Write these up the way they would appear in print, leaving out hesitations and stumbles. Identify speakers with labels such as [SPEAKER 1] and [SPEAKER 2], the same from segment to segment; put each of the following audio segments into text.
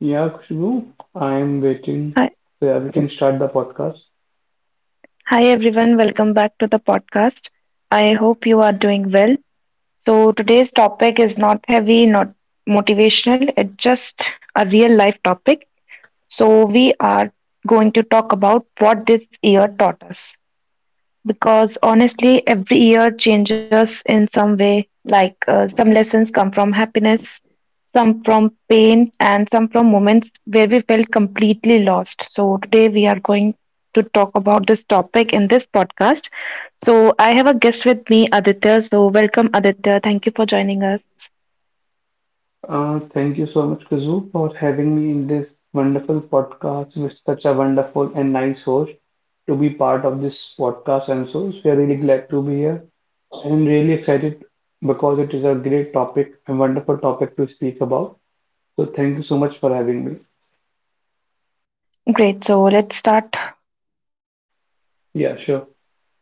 [SPEAKER 1] Yeah, Khushbu, I'm waiting
[SPEAKER 2] Hi,
[SPEAKER 1] so yeah, we can start the podcast.
[SPEAKER 2] hi, everyone, welcome back to the podcast. I hope you are doing well. So, today's topic is not heavy, not motivational, it's just a real life topic. So, we are going to talk about what this year taught us. Because honestly, every year changes in some way. Like some lessons come from happiness, some from pain, and some from moments where we felt completely lost. So, today we are going to talk about this topic in this podcast. So, I have a guest with me, Aditya. So, welcome, Aditya. Thank you for joining us.
[SPEAKER 1] Thank you so much, Khushbu, for having me in this wonderful podcast with such a wonderful and nice host to be part of this podcast. And so we are really glad to be here and really excited because it is a great topic and wonderful topic to speak about. So, thank you so much for having me.
[SPEAKER 2] Great. So, let's start.
[SPEAKER 1] Yeah, sure.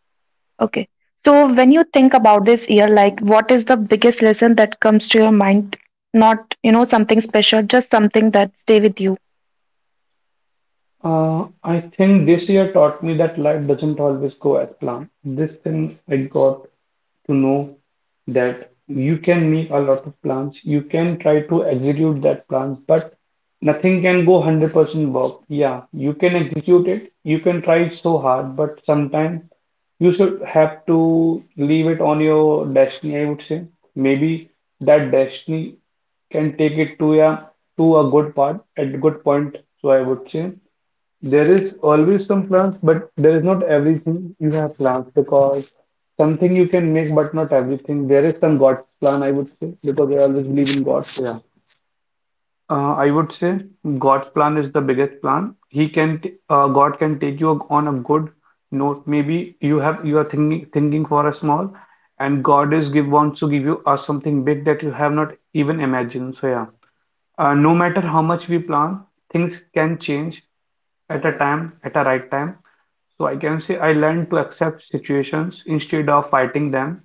[SPEAKER 2] Okay. So when you think about this year, like what is the biggest lesson that comes to your mind? Not, something special, just something that stay with you.
[SPEAKER 1] I think this year taught me that life doesn't always go as planned. This thing I got to know that you can make a lot of plans, you can try to execute that plan, but nothing can go 100% work. Yeah, you can execute it, you can try it so hard, but sometimes you should have to leave it on your destiny, I would say. Maybe that destiny can take it to a good part at a good point. So I would say there is always some plans, but there is not everything you have plans because something you can make, but not everything. There is some God's plan, I would say, because I always believe in God. Yeah. I would say God's plan is the biggest plan. God can take you on a good note. Maybe you are thinking for a small, and God is give wants to give you something big that you have not even imagined. So yeah, no matter how much we plan, things can change at a right time. So I can say I learned to accept situations instead of fighting them.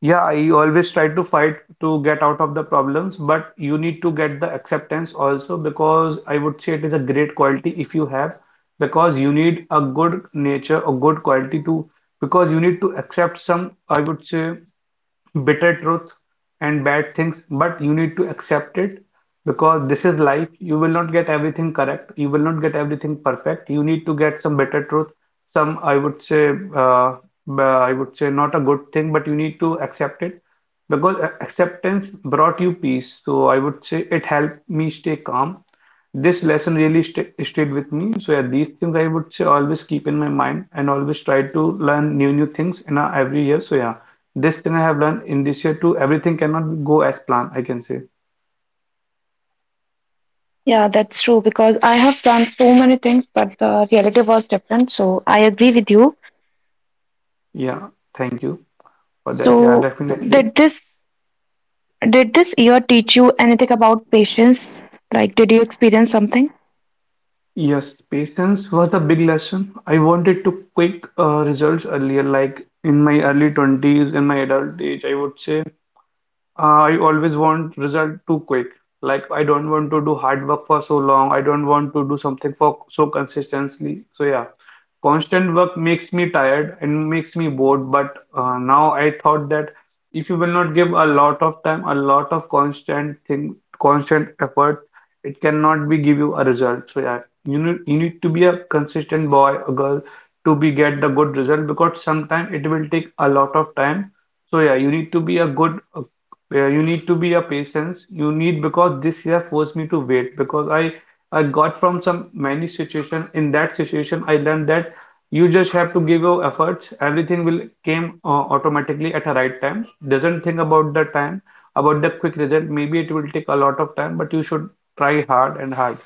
[SPEAKER 1] Yeah, I always try to fight to get out of the problems, but you need to get the acceptance also because I would say it is a great quality if you have, because you need a good nature, a good quality to, because you need to accept some, I would say bitter truth and bad things, but you need to accept it because this is life. You will not get everything correct, you will not get everything perfect. You need to get some bitter truth, some I would say, uh, I would say not a good thing, but you need to accept it because acceptance brought you peace. So I would say it helped me stay calm. This lesson really stayed with me. So yeah, these things I would say always keep in my mind and always try to learn new things in a, every year. So yeah. This thing I have learned in this year too. Everything cannot go as planned, I can say.
[SPEAKER 2] Yeah, that's true because I have done so many things, but the reality was different. So I agree with you.
[SPEAKER 1] Yeah, thank you for that. Yeah,
[SPEAKER 2] So
[SPEAKER 1] definitely.
[SPEAKER 2] did this did this year teach you anything about patience? Like, did you experience something?
[SPEAKER 1] Yes, patience was a big lesson. I wanted to quick results earlier, like in my early 20s, in my adult age, I would say. I always want result too quick. Like I don't want to do hard work for so long. I don't want to do something for so consistently. So yeah, constant work makes me tired and makes me bored. But now I thought that if you will not give a lot of time, a lot of constant thing, constant effort, it cannot be give you a result. So yeah, you need to be a consistent boy or girl to be get the good result because sometimes it will take a lot of time. So yeah, you need to be a good where you need to be a patience. You need because this year forced me to wait because I got from some many situation. In that situation, I learned that you just have to give your efforts. Everything will came automatically at a right time. Doesn't think about the time, about the quick result. Maybe it will take a lot of time, but you should try hard and hard.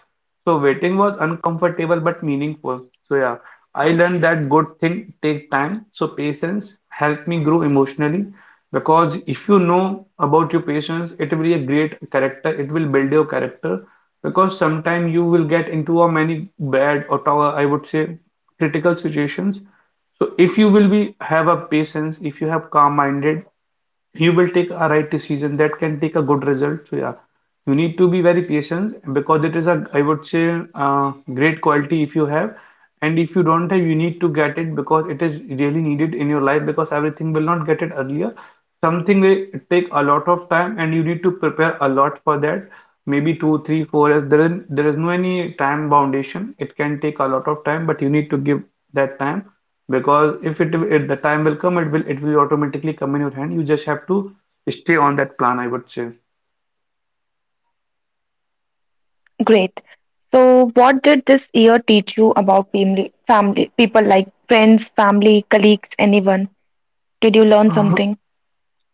[SPEAKER 1] So waiting was uncomfortable but meaningful. So yeah, I learned that good thing take time. So patience helped me grow emotionally because if you know about your patience, it will be a great character. It will build your character because sometime you will get into a many bad or I would say critical situations, so if you will be have a patience, if you have calm minded, you will take a right decision that can take a good result. So yeah, you need to be very patient because it is a, I would say, uh, great quality if you have, and if you don't have you need to get it because it is really needed in your life because everything will not get it earlier, something will take a lot of time and you need to prepare a lot for that maybe two, three, four. There is no any time foundation. It can take a lot of time, but you need to give that time because if the time will come, it will automatically come in your hand. You just have to stay on that plan, I would say.
[SPEAKER 2] Great. So what did this year teach you about family, family, people like friends, family, colleagues, anyone? Did you learn something?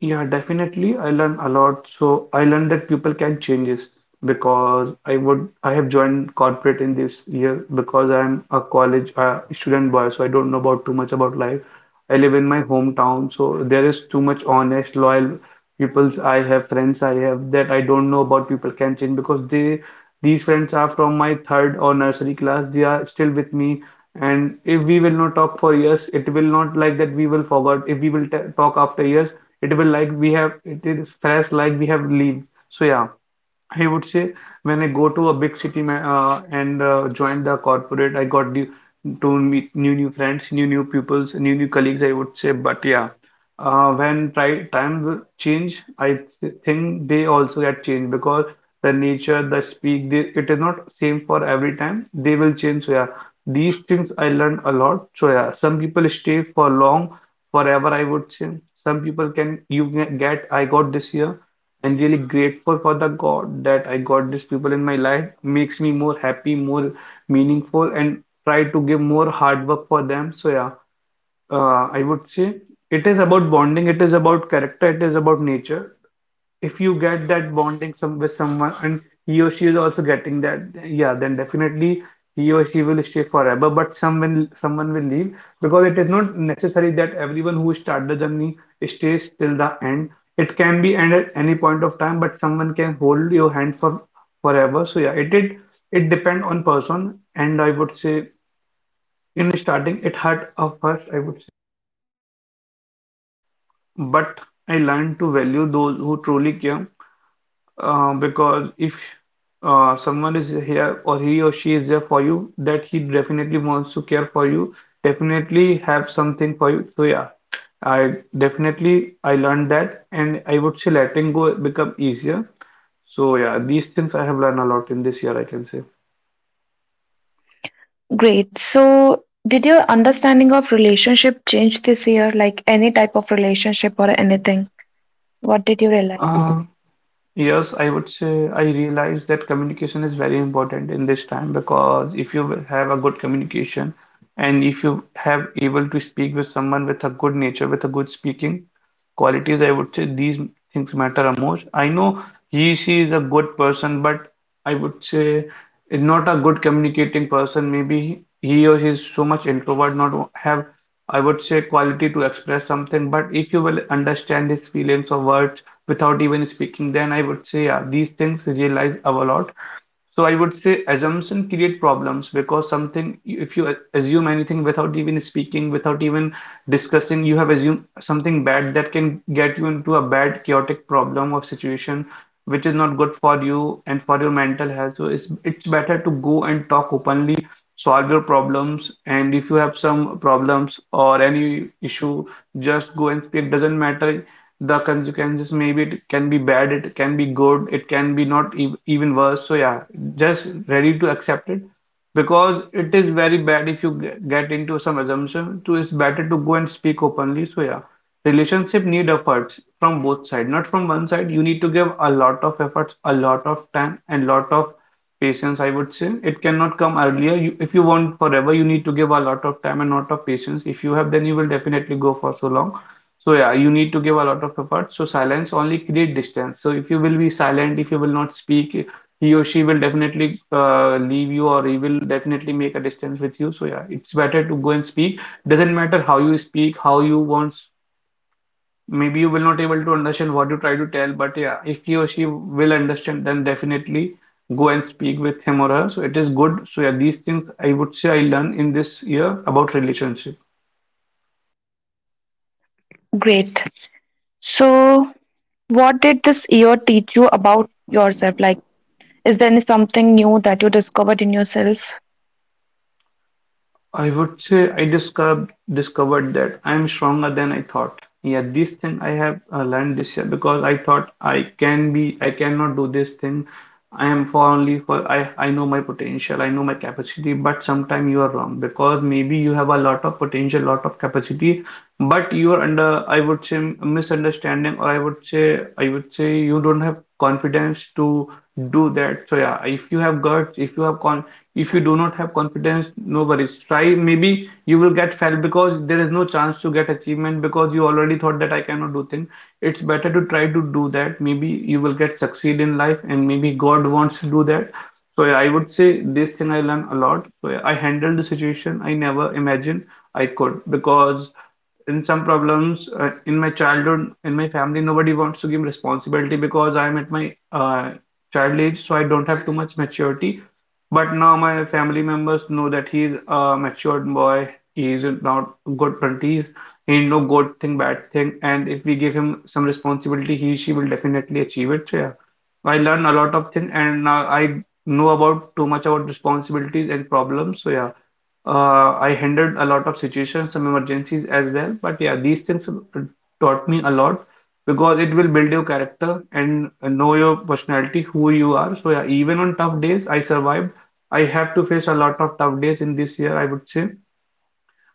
[SPEAKER 1] Yeah, definitely. I learn a lot. So I learned that people can change this because I have joined corporate in this year because I'm a college student boy, so I don't know about too much about life. I live in my hometown, so there is too much honest, loyal people. I have friends I have that I don't know about people can change because they these friends are from my third or nursery class. They are still with me and if we will not talk for years it will not like that we will forget. If we will t talk after years it will like we have it is fresh like we have leave. So yeah, I would say when I go to a big city ma and join the corporate, I got new to meet new friends, new pupils, new colleagues. I would say, but yeah, when try times will change, I th think they also get changed because the nature, the speak, they, it is not same for every time. They will change. So yeah, these things I learned a lot. So yeah, some people stay for long, forever. I would say some people can you can get. I got this year and really grateful for the God that I got these people in my life makes me more happy, more meaningful, and try to give more hard work for them. So yeah, I would say it is about bonding, it is about character, it is about nature. If you get that bonding some with someone and he or she is also getting that, yeah, then definitely he or she will stay forever. But someone will leave because it is not necessary that everyone who start the journey stays till the end. It can be end at any point of time, but someone can hold your hand for forever. So yeah, it did. It depend on person, and I would say in starting it hurt at first, I would say, but I learned to value those who truly care because if someone is here or he or she is there for you, that he definitely wants to care for you, definitely have something for you. So yeah, I learned that, and I would say letting go become easier. So yeah, these things I have learned a lot in this year, I can say.
[SPEAKER 2] Great. So, did your understanding of relationship change this year? Like any type of relationship or anything? What did you realize?
[SPEAKER 1] Um, Yes, I would say I realize that communication is very important in this time because if you will have a good communication and if you have able to speak with someone with a good nature, with a good speaking qualities, I would say these things matter the most. I know he, she is a good person, but I would say is not a good communicating person. Maybe he or she is so much introvert, not have I would say quality to express something, but if you will understand his feelings or words without even speaking, then I would say yeah, these things realize a lot. So I would say assumption create problems because something if you assume anything without even speaking, without even discussing, you have assumed something bad that can get you into a bad chaotic problem or situation which is not good for you and for your mental health. So it's better to go and talk openly, solve your problems, and if you have some problems or any issue, just go and speak. Doesn't matter the consequences, maybe it can be bad, it can be good, it can be not ev even worse, so yeah, just ready to accept it because it is very bad if you get into some assumption, so it's better to go and speak openly, so yeah, relationship need efforts from both sides, not from one side. You need to give a lot of efforts, a lot of time, and lot of patience, I would say. It cannot come earlier you, if you want forever you need to give a lot of time and lot of patience. If you have, then you will definitely go for so long. So yeah, you need to give a lot of effort. So silence only create distance. So if you will be silent, if you will not speak, he or she will definitely leave you, or he will definitely make a distance with you. So yeah, it's better to go and speak. Doesn't matter how you speak, how you want. Maybe you will not able to understand what you try to tell, but yeah, if he or she will understand, then definitely go and speak with him or her. So it is good. So yeah, these things I would say I learned in this year about relationship.
[SPEAKER 2] Great. So, what did this year teach you about yourself? Like, is there any something new that you discovered in yourself?
[SPEAKER 1] I would say I discovered that I'm stronger than I thought. Yeah, this thing I have learned this year because I thought I can be, I cannot do this thing. I am for only for I know my potential, I know my capacity, but sometimes you are wrong because maybe you have a lot of potential, lot of capacity, but you are under, I would say, misunderstanding, or I would say you don't have confidence to do that. So yeah, if you have guts, if you have con if you do not have confidence, no worries, try. Maybe you will get failed because there is no chance to get achievement because you already thought that I cannot do thing. It's better to try to do that. Maybe you will get succeed in life, and maybe God wants to do that. So yeah, I would say this thing I learned a lot. So yeah, I handled the situation I never imagined I could because in some problems, in my childhood, in my family, nobody wants to give responsibility because I'm at my child age, so I don't have too much maturity. But now my family members know that he's a matured boy. He is not good 20s, he know good thing, bad thing, and if we give him some responsibility, he she will definitely achieve it. So yeah, I learn a lot of things, and now I know about too much about responsibilities and problems. So yeah, I handled a lot of situations, some emergencies as well. But yeah, these things taught me a lot because it will build your character and know your personality, who you are. So yeah, even on tough days, I survived. I have to face a lot of tough days in this year, I would say,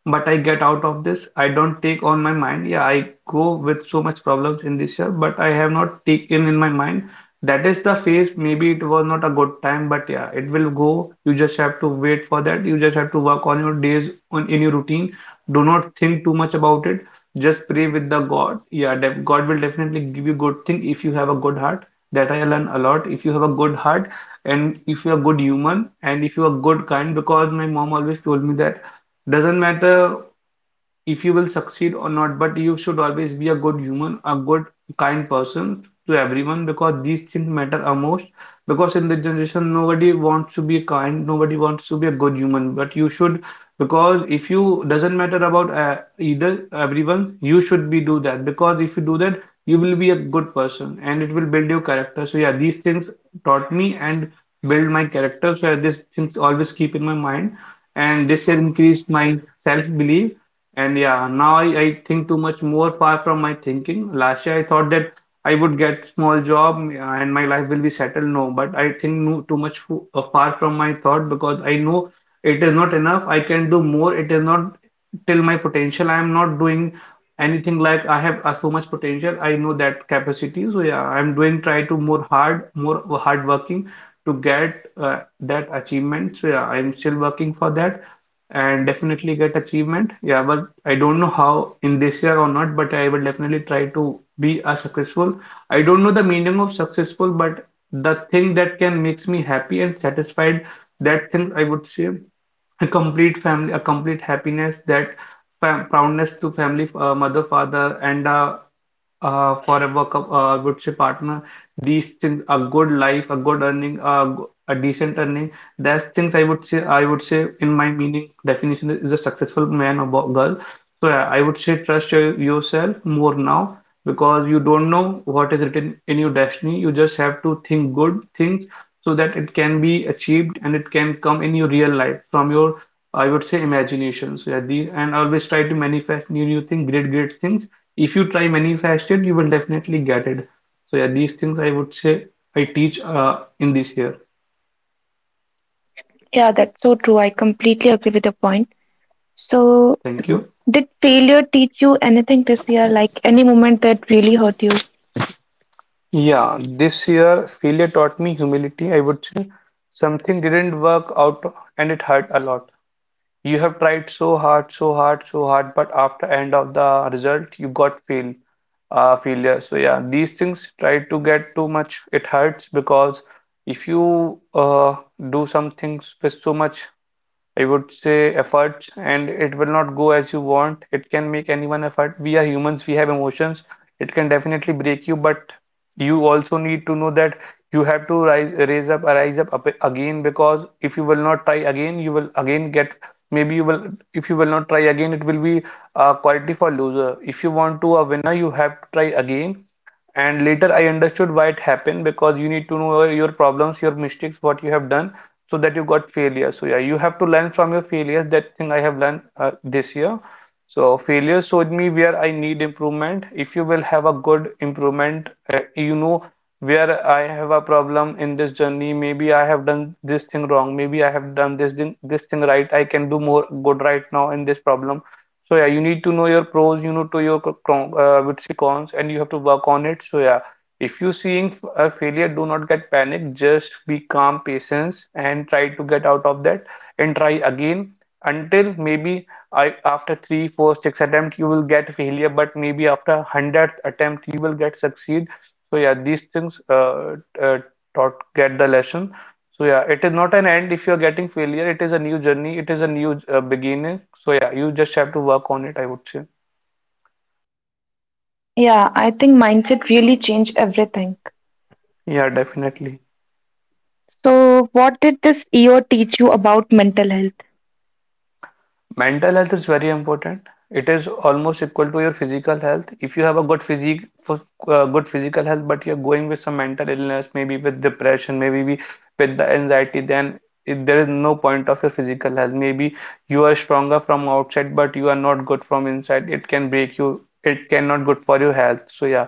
[SPEAKER 1] but I get out of this. I don't take on my mind. Yeah, I go with so much problems in this year, but I have not taken in my mind. That is the phase. Maybe it was not a good time, but yeah, it will go. You just have to wait for that. You just have to work on your days on in your routine. Do not think too much about it. Just pray with the God. Yeah, God will definitely give you good thing if you have a good heart. That I learn a lot. If you have a good heart, and if you're good human, and if you're good kind, because my mom always told me that doesn't matter if you will succeed or not, but you should always be a good human, a good, kind person to everyone because these things matter a most. Because in the generation, nobody wants to be kind, nobody wants to be a good human, but you should. Because if you doesn't matter about either everyone, you should be do that. Because if you do that, you will be a good person and it will build your character. So yeah, these things taught me and build my character. So these things always keep in my mind, and this has increased my self-belief. And yeah, now I think too much more far from my thinking. Last year I thought that I would get small job and my life will be settled. No, but I think no, too much far from my thought because I know it is not enough. I can do more. It is not till my potential. I am not doing anything like I have so much potential. I know that capacity. So yeah, I'm doing try to more hard working to get that achievement. So yeah, I'm still working for that, and definitely get achievement. Yeah, but I don't know how in this year or not, but I will definitely try to be a successful. I don't know the meaning of successful, but the thing that can makes me happy and satisfied, that thing I would say a complete family, a complete happiness, that fam proudness to family, mother, father, and for a work up, would say partner, these things, a good life, a good earning, a decent earning, that's things I would say in my meaning definition is a successful man or girl. So yeah, I would say trust your, yourself more now because you don't know what is written in your destiny. You just have to think good things so that it can be achieved and it can come in your real life from your, I would say, imagination. So yeah, these, and always try to manifest new, new things, great, great things. If you try many fasted, you will definitely get it. So yeah, these things I would say I teach in this year.
[SPEAKER 2] Yeah, that's so true. I completely agree with your point. So,
[SPEAKER 1] Thank you.
[SPEAKER 2] did failure teach you anything this year? Like, any moment that really hurt you?
[SPEAKER 1] Yeah, this year failure taught me humility, I would say. Something didn't work out and it hurt a lot. You have tried so hard, so hard, so hard, but after end of the result, you got fail, failure. So yeah, these things try to get too much. It hurts because if you uh, do some things with so much, I would say, efforts, and it will not go as you want, it can make anyone effort. We are humans, we have emotions. It can definitely break you, but you also need to know that you have to rise, raise up, rise up, up again because if you will not try again, you will again get, maybe you will, if you will not try again, it will be a quality for loser. If you want to a winner, you have to try again. And later I understood why it happened, because you need to know your problems, your mistakes, what you have done so that you got failure. So yeah, you have to learn from your failures. That thing I have learned this year. So failure showed me where I need improvement. If you will have a good improvement, you know where I have a problem in this journey, maybe I have done this thing wrong, maybe I have done this thing right, I can do more good right now in this problem. So yeah, you need to know your pros, you know, to your with the cons, and you have to work on it. So yeah, if you seeing a failure, do not get panic. Just be calm, patience, and try to get out of that, and try again until maybe I after three, four, six attempt you will get failure, but maybe after 100th attempt you will get succeed. So yeah, these things taught get the lesson. So yeah, it is not an end if you're getting failure. It is a new journey. It is a new beginning. So yeah, you just have to work on it, I would say.
[SPEAKER 2] Yeah, I think mindset really changed everything.
[SPEAKER 1] Yeah, definitely.
[SPEAKER 2] So, what did this year teach you about mental health?
[SPEAKER 1] Mental health is very important. It is almost equal to your physical health. If you have a good physique, good physical health, but you're going with some mental illness, maybe with depression, maybe with the anxiety, then it, there is no point of your physical health. Maybe you are stronger from outside, but you are not good from inside. It can break you. It cannot good for your health. So yeah,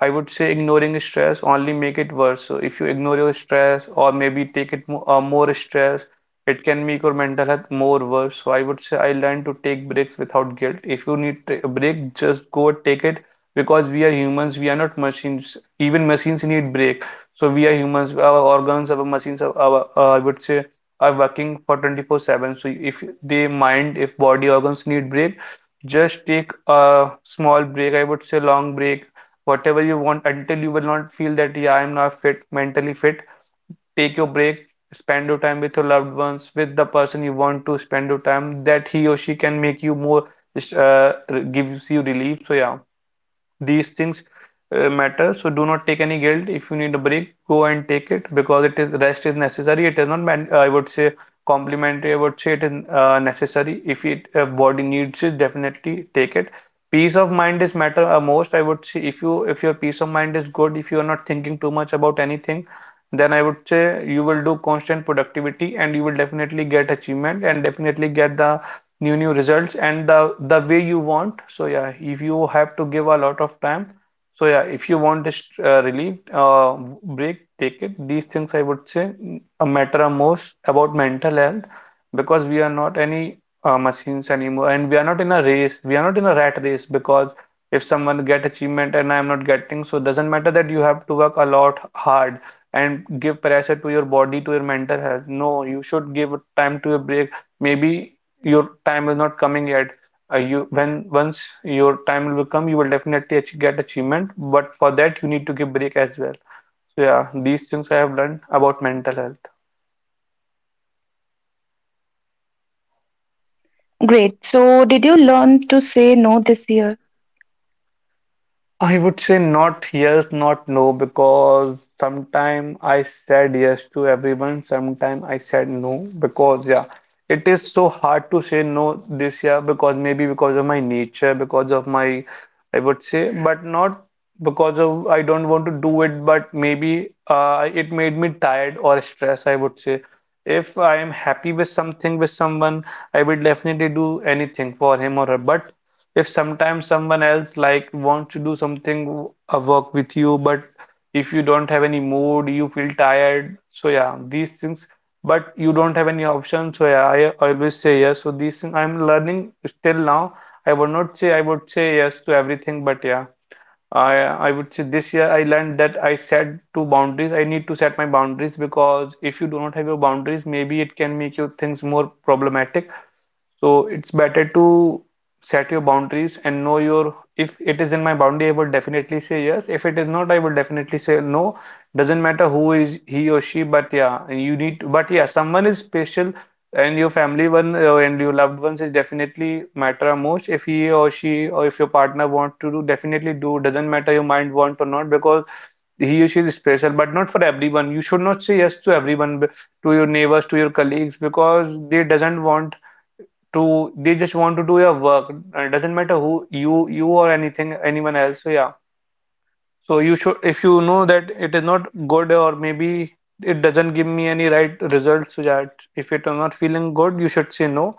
[SPEAKER 1] I would say ignoring stress only make it worse. So if you ignore your stress, or maybe take it more, more stress, it can make your mental health more worse. So I would say I learned to take breaks without guilt. If you need a break, just go take it because we are humans, we are not machines. Even machines need break. So we are humans, our organs, our machines, our, our I would say, are working for 24/7. So if they mind, if body organs need break, just take a small break. I would say long break, whatever you want until you will not feel that, yeah, I'm now fit, mentally fit. Take your break, spend your time with your loved ones, with the person you want to spend your time, that he or she can make you more, uh, gives you relief. So, yeah. These things matter, so do not take any guilt. If you need a break, go and take it because it is rest is necessary. It is not, I would say, complimentary. I would say it is necessary. If it body needs it, definitely take it. Peace of mind is matter most. I would say if your peace of mind is good, if you are not thinking too much about anything, then I would say you will do constant productivity and you will definitely get achievement and definitely get the new results and the way you want. So yeah, if you have to give a lot of time, so yeah, if you want this relief, break, take it. These things I would say matter most about mental health because we are not any machines anymore, and we are not in a race, we are not in a rat race. Because if someone get achievement and I am not getting, so doesn't matter that you have to work a lot hard and give pressure to your body, to your mental health. No, you should give time to a break. Maybe your time is not coming yet. You, when once your time will come, you will definitely ach get achievement, but for that you need to give break as well. So yeah, these things I have learned about mental health.
[SPEAKER 2] Great. So, did you learn to say no this year?
[SPEAKER 1] I would say not yes, not no, because sometime I said yes to everyone, sometime I said no, because yeah, it is so hard to say no this year because maybe because of my nature, because of my, I would say, but not because of I don't want to do it, but maybe it made me tired or stressed, I would say. If I am happy with something with someone, I will definitely do anything for him or her, but if sometimes someone else like wants to do something, a work with you, but if you don't have any mood, you feel tired. So yeah, these things. But you don't have any option. So yeah, I always say yes. So these things I'm learning still now. I would not say I would say yes to everything, but yeah. I I would say this year I learned that I set two boundaries. I need to set my boundaries because if you do not have your boundaries, maybe it can make you things more problematic. So it's better to set your boundaries and know your, if it is in my boundary, I will definitely say yes. If it is not, I will definitely say no. Doesn't matter who is he or she, but yeah, you need to, but yeah, someone is special, and your family one and your loved ones is definitely matter most. If he or she, or if your partner want to do, definitely do. Doesn't matter your mind want or not, because he or she is special, but not for everyone. You should not say yes to everyone, to your neighbors, to your colleagues, because they doesn't want to, they just want to do your work. And It doesn't matter who you or anything anyone else. So yeah. So you should, if you know that it is not good or maybe it doesn't give me any right results. So that if it are not feeling good, you should say no.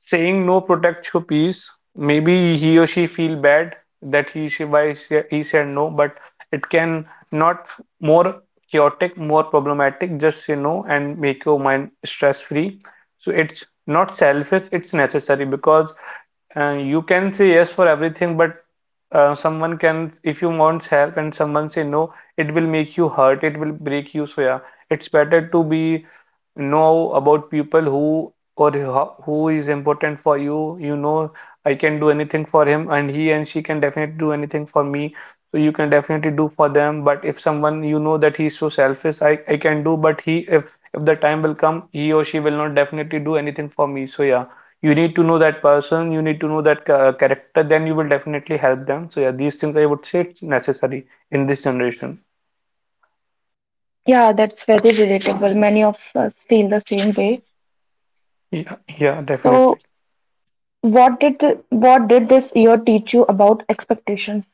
[SPEAKER 1] Saying no protects your peace. Maybe he or she feel bad that he she why he said no, but it can not more chaotic, more problematic. Just say no and make your mind stress free. So it's not selfish, it's necessary, because and you can say yes for everything, but someone can, if you want help and someone say no, it will make you hurt, it will break you. So yeah, it's better to be know about people who or who is important for you. You know, I can do anything for him, and he and she can definitely do anything for me. So you can definitely do for them. But if someone you know that he's so selfish, I can do, but he, if the time will come, he or she will not definitely do anything for me. So yeah, you need to know that person, you need to know that character, then you will definitely help them. So yeah, these things I would say it's necessary in this generation.
[SPEAKER 2] Yeah, that's very relatable. Many of us feel the same way.
[SPEAKER 1] Yeah, yeah, definitely.
[SPEAKER 2] So, what did what did this year teach you about expectations?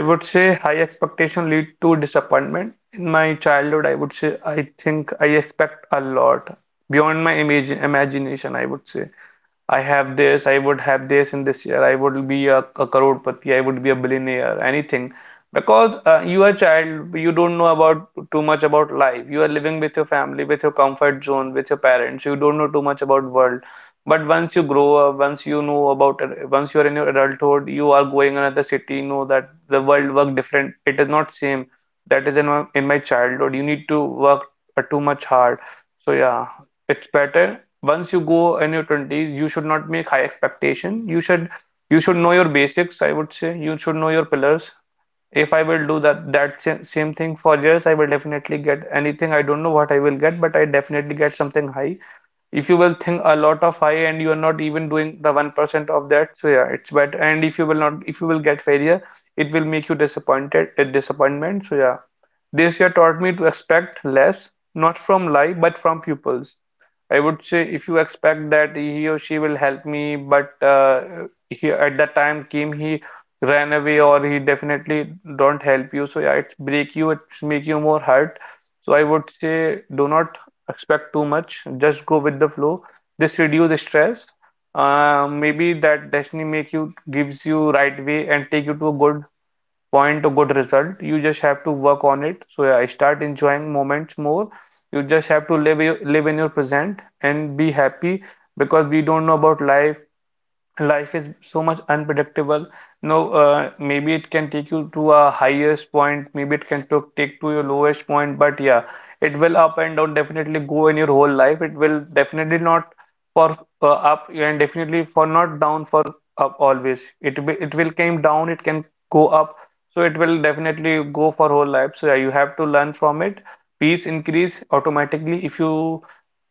[SPEAKER 1] I would say high expectation lead to disappointment. In my childhood, I would say, I think I expect a lot beyond my imagine imagination. I would say, I have this, I would have this in this year, I would be a, crorepati, I would be a billionaire, anything. Because you are a child, you don't know about too much about life. You are living with your family, with your comfort zone, with your parents. You don't know too much about world. But once you grow up, once you know about, once you are in your adulthood, you are going another city, you know that the world work different. It is not same. That is in my, childhood. You need to work too much hard. So yeah, it's better once you go in your 20s you should not make high expectation, you should, you should know your basics, I would say, you should know your pillars. If I will do that sa- same thing for years, I will definitely get anything. I don't know what I will get, but I definitely get something high. If you will think a lot of high and you are not even doing the 1% of that, so yeah, it's bad. And if you will not, if you will get failure, it will make you disappointed, a disappointment. So yeah, this year taught me to expect less, not from life, but from pupils. I would say if you expect that he or she will help me, but he, at that time came, he ran away, or he definitely don't help you. So yeah, it break you, it make you more hurt. So I would say do not expect too much. Just go with the flow. This reduce stress. Maybe that destiny make you gives you right way and take you to a good point to good result. You just have to work on it. So yeah, start enjoying moments more. You just have to live in your present and be happy because we don't know about life, life is so much unpredictable. No, maybe it can take you to a highest point, maybe it can took take to your lowest point, but yeah, it will up and down definitely go in your whole life. It will definitely not for up, and definitely for not down for up always. It will, it will came down, it can go up, so it will definitely go for whole life. So yeah, you have to learn from it. Peace increase automatically if you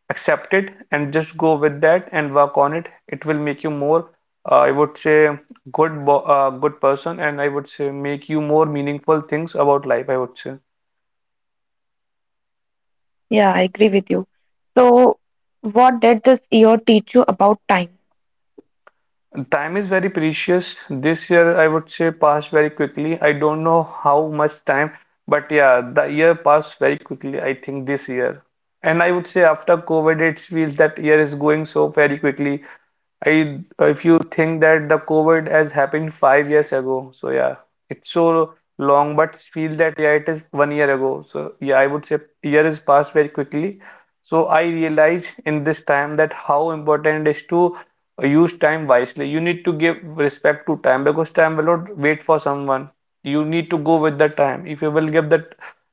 [SPEAKER 1] accept it and just go with that and work on it, it will make you more, I would say, good, bo good person, and I would say make you more meaningful things about life, I would say.
[SPEAKER 2] Yeah, I agree with you. So, what did this year teach you about time?
[SPEAKER 1] Time is very precious. This year, I would say, passed very quickly. I don't know how much time, but yeah, the year passed very quickly, I think, this year. And I would say, after COVID, it feels that year is going so very quickly. I If you think that the COVID has happened 5 years ago, so yeah, it's so long, but feel that yeah, it is one year ago. So yeah, I would say year is passed very quickly. So I realize in this time that how important it is to use time wisely. You need to give respect to time because time will not wait for someone. You need to go with the time. If you will give that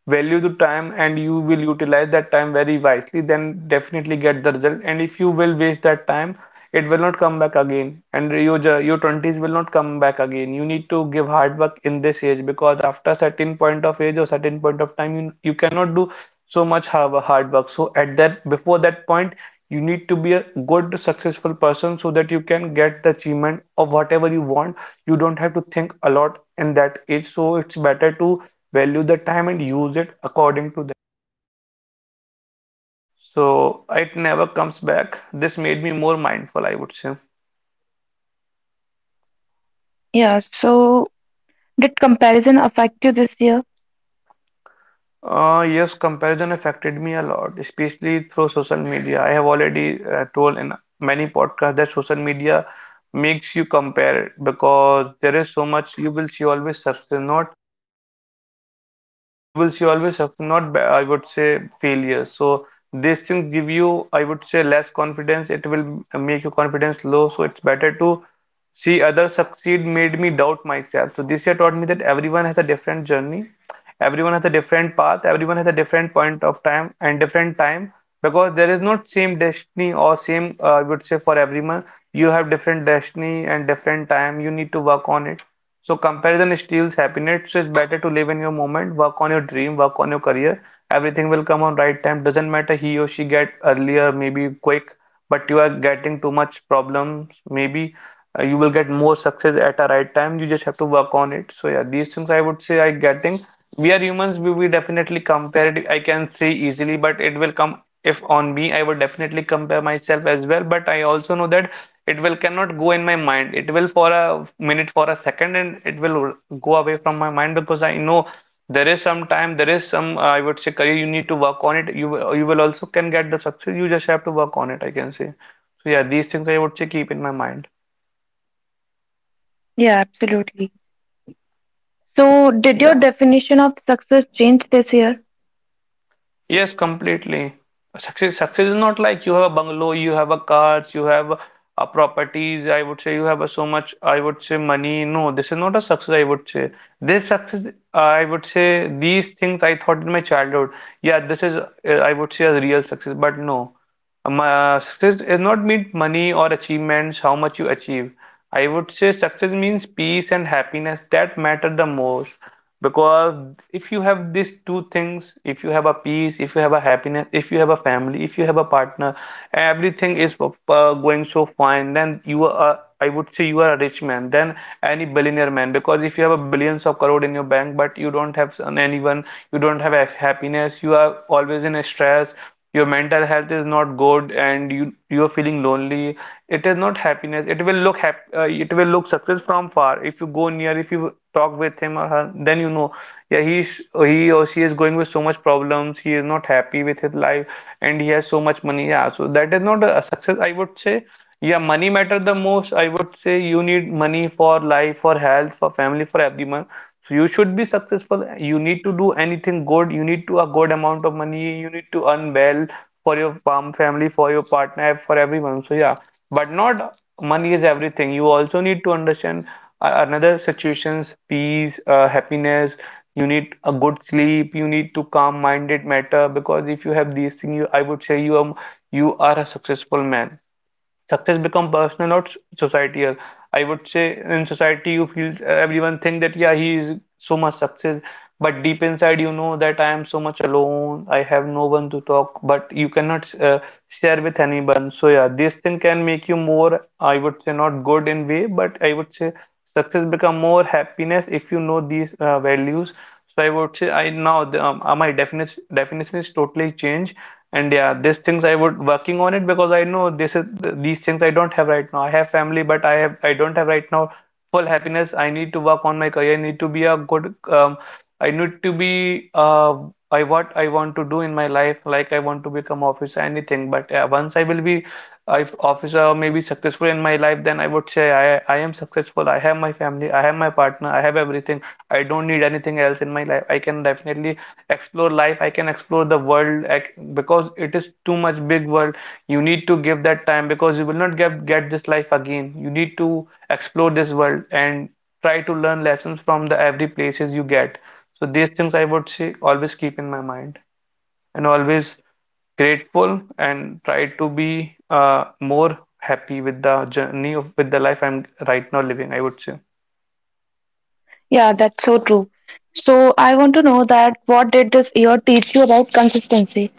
[SPEAKER 1] value to time and you will utilize that time very wisely, then definitely get the result. And if you will waste that time, it will not come back again, and your 20s will not come back again. You need to give hard work in this age because after certain point of age or certain point of time you cannot do so much hard work. So at that, before that point, you need to be a good successful person so that you can get the achievement of whatever you want. You don't have to think a lot in that age. So it's better to value the time and use it according to the, so it never comes back. This made me more mindful, I would say.
[SPEAKER 2] Yeah, so did comparison affect you this year?
[SPEAKER 1] Yes, comparison affected me a lot, especially through social media. I have already told in many podcasts that social media makes you compare because there is so much. You will see always success, not you will see always, have not I would say failure. So these things give you, I would say, less confidence. It will make your confidence low. So it's better to see others succeed made me doubt myself. So this year taught me that everyone has a different journey, everyone has a different path, everyone has a different point of time and different time, because there is not same destiny or same, I would say, for everyone. You have different destiny and different time. You need to work on it. So comparison steals happiness. It's better to live in your moment, work on your dream, work on your career. Everything will come on right time. Doesn't matter he or she get earlier, maybe quick, but you are getting too much problems. Maybe you will get more success at a right time. You just have to work on it. So yeah, these things I would say I getting. We are humans. We definitely compare it, I can say easily, but it will come if on me, I would definitely compare myself as well. But I also know that it will cannot go in my mind. It will for a minute, for a second, and it will go away from my mind because I know there is some time, there is some, I would say, career you need to work on it. You will also can get the success. You just have to work on it, I can say. So yeah, these things I would say keep in my mind.
[SPEAKER 2] Yeah, absolutely. So, did your
[SPEAKER 1] Yeah.
[SPEAKER 2] definition of success change this year?
[SPEAKER 1] Yes, completely. Success is not like you have a bungalow, you have a cars, you have a properties. I would say you have a so much, I would say, money. No, this is not a success. I would say this success. I would say these things I thought in my childhood. Yeah, this is, I would say, a real success. But no, my success is not mean money or achievements, how much you achieve. I would say success means peace and happiness. That matter the most because if you have these two things, if you have a peace, if you have a happiness, if you have a family, if you have a partner, everything is going so fine, then you are, I would say, you are a rich man than any billionaire man. Because if you have a billions of crore in your bank, but you don't have anyone, you don't have a happiness, you are always in a stress, your mental health is not good and you are feeling lonely, it is not happiness. It will look it will look success from far. If you go near, if you talk with him or her, then you know, yeah, he or she is going with so much problems. He is not happy with his life and he has so much money. Yeah, so that is not a success, I would say. Yeah, money matter the most, I would say. You need money for life, for health, for family, for everyone. So you should be successful. You need to do anything good. You need to a good amount of money. You need to earn well for your family, for your partner, for everyone. So yeah, but not money is everything. You also need to understand another situations. Peace, happiness, you need a good sleep, you need to calm minded matter. Because if you have these things, you, I would say, you are a successful man. Success become personal, not societal. I would say in society you feel everyone think that yeah he is so much success, but deep inside you know that I am so much alone. I have no one to talk, but you cannot share with anyone. So yeah, this thing can make you more, I would say, not good in way, but I would say success become more happiness if you know these values. So I would say I now the, my definition is totally changed. And yeah, these things I would working on it because I know this is these things I don't have right now. I have family, but I have I don't have right now full happiness. I need to work on my career. I need to be a good, I need to be, I what I want to do in my life. Like I want to become officer, anything. But yeah, once I will be if officer maybe successful in my life, then I would say I am successful. I have my family. I have my partner. I have everything. I don't need anything else in my life. I can definitely explore life. I can explore the world. Because it is too much big world. You need to give that time because you will not get this life again. You need to explore this world and try to learn lessons from the every places you get. So these things I would say always keep in my mind. And always grateful and try to be more happy with the journey of, with the life I'm right now living, I would say.
[SPEAKER 2] Yeah, that's so true. So I want to know that what did this year teach you about consistency?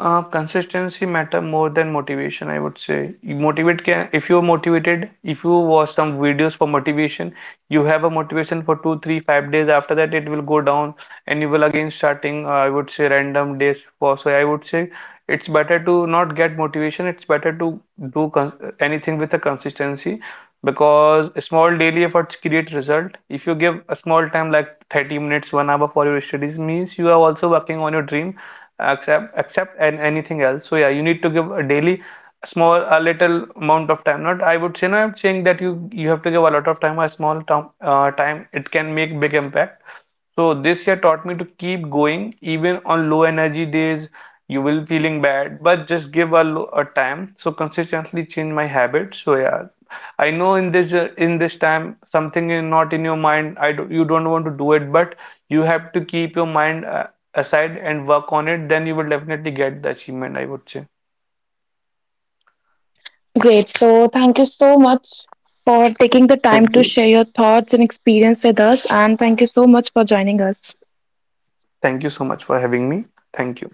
[SPEAKER 1] Consistency matter more than motivation, I would say. You motivate can, if you're motivated, if you watch some videos for motivation, you have a motivation for two, three, 5 days. After that, it will go down, and you will again starting. I would say random days for. So I would say it's better to not get motivation. It's better to do con anything with a consistency, because small daily efforts create result. If you give a small time like 30 minutes, 1 hour for your studies, means you are also working on your dream, accept and anything else. So yeah, you need to give a daily small, a little amount of time. Not, I would say, no, I'm saying that you have to give a lot of time. A small time, time, it can make big impact. So this year taught me to keep going even on low energy days. You will feeling bad, but just give a a time. So consistently change my habits. So yeah, I know in this, in this time something is not in your mind. I do, you don't want to do it, but you have to keep your mind aside and work on it. Then you will definitely get the achievement, I would say.
[SPEAKER 2] Great. So thank you so much for taking the time
[SPEAKER 1] Thank
[SPEAKER 2] to
[SPEAKER 1] you.
[SPEAKER 2] share your thoughts and experience with us, and thank you so much for joining us.
[SPEAKER 1] Thank you so much for having me. Thank you.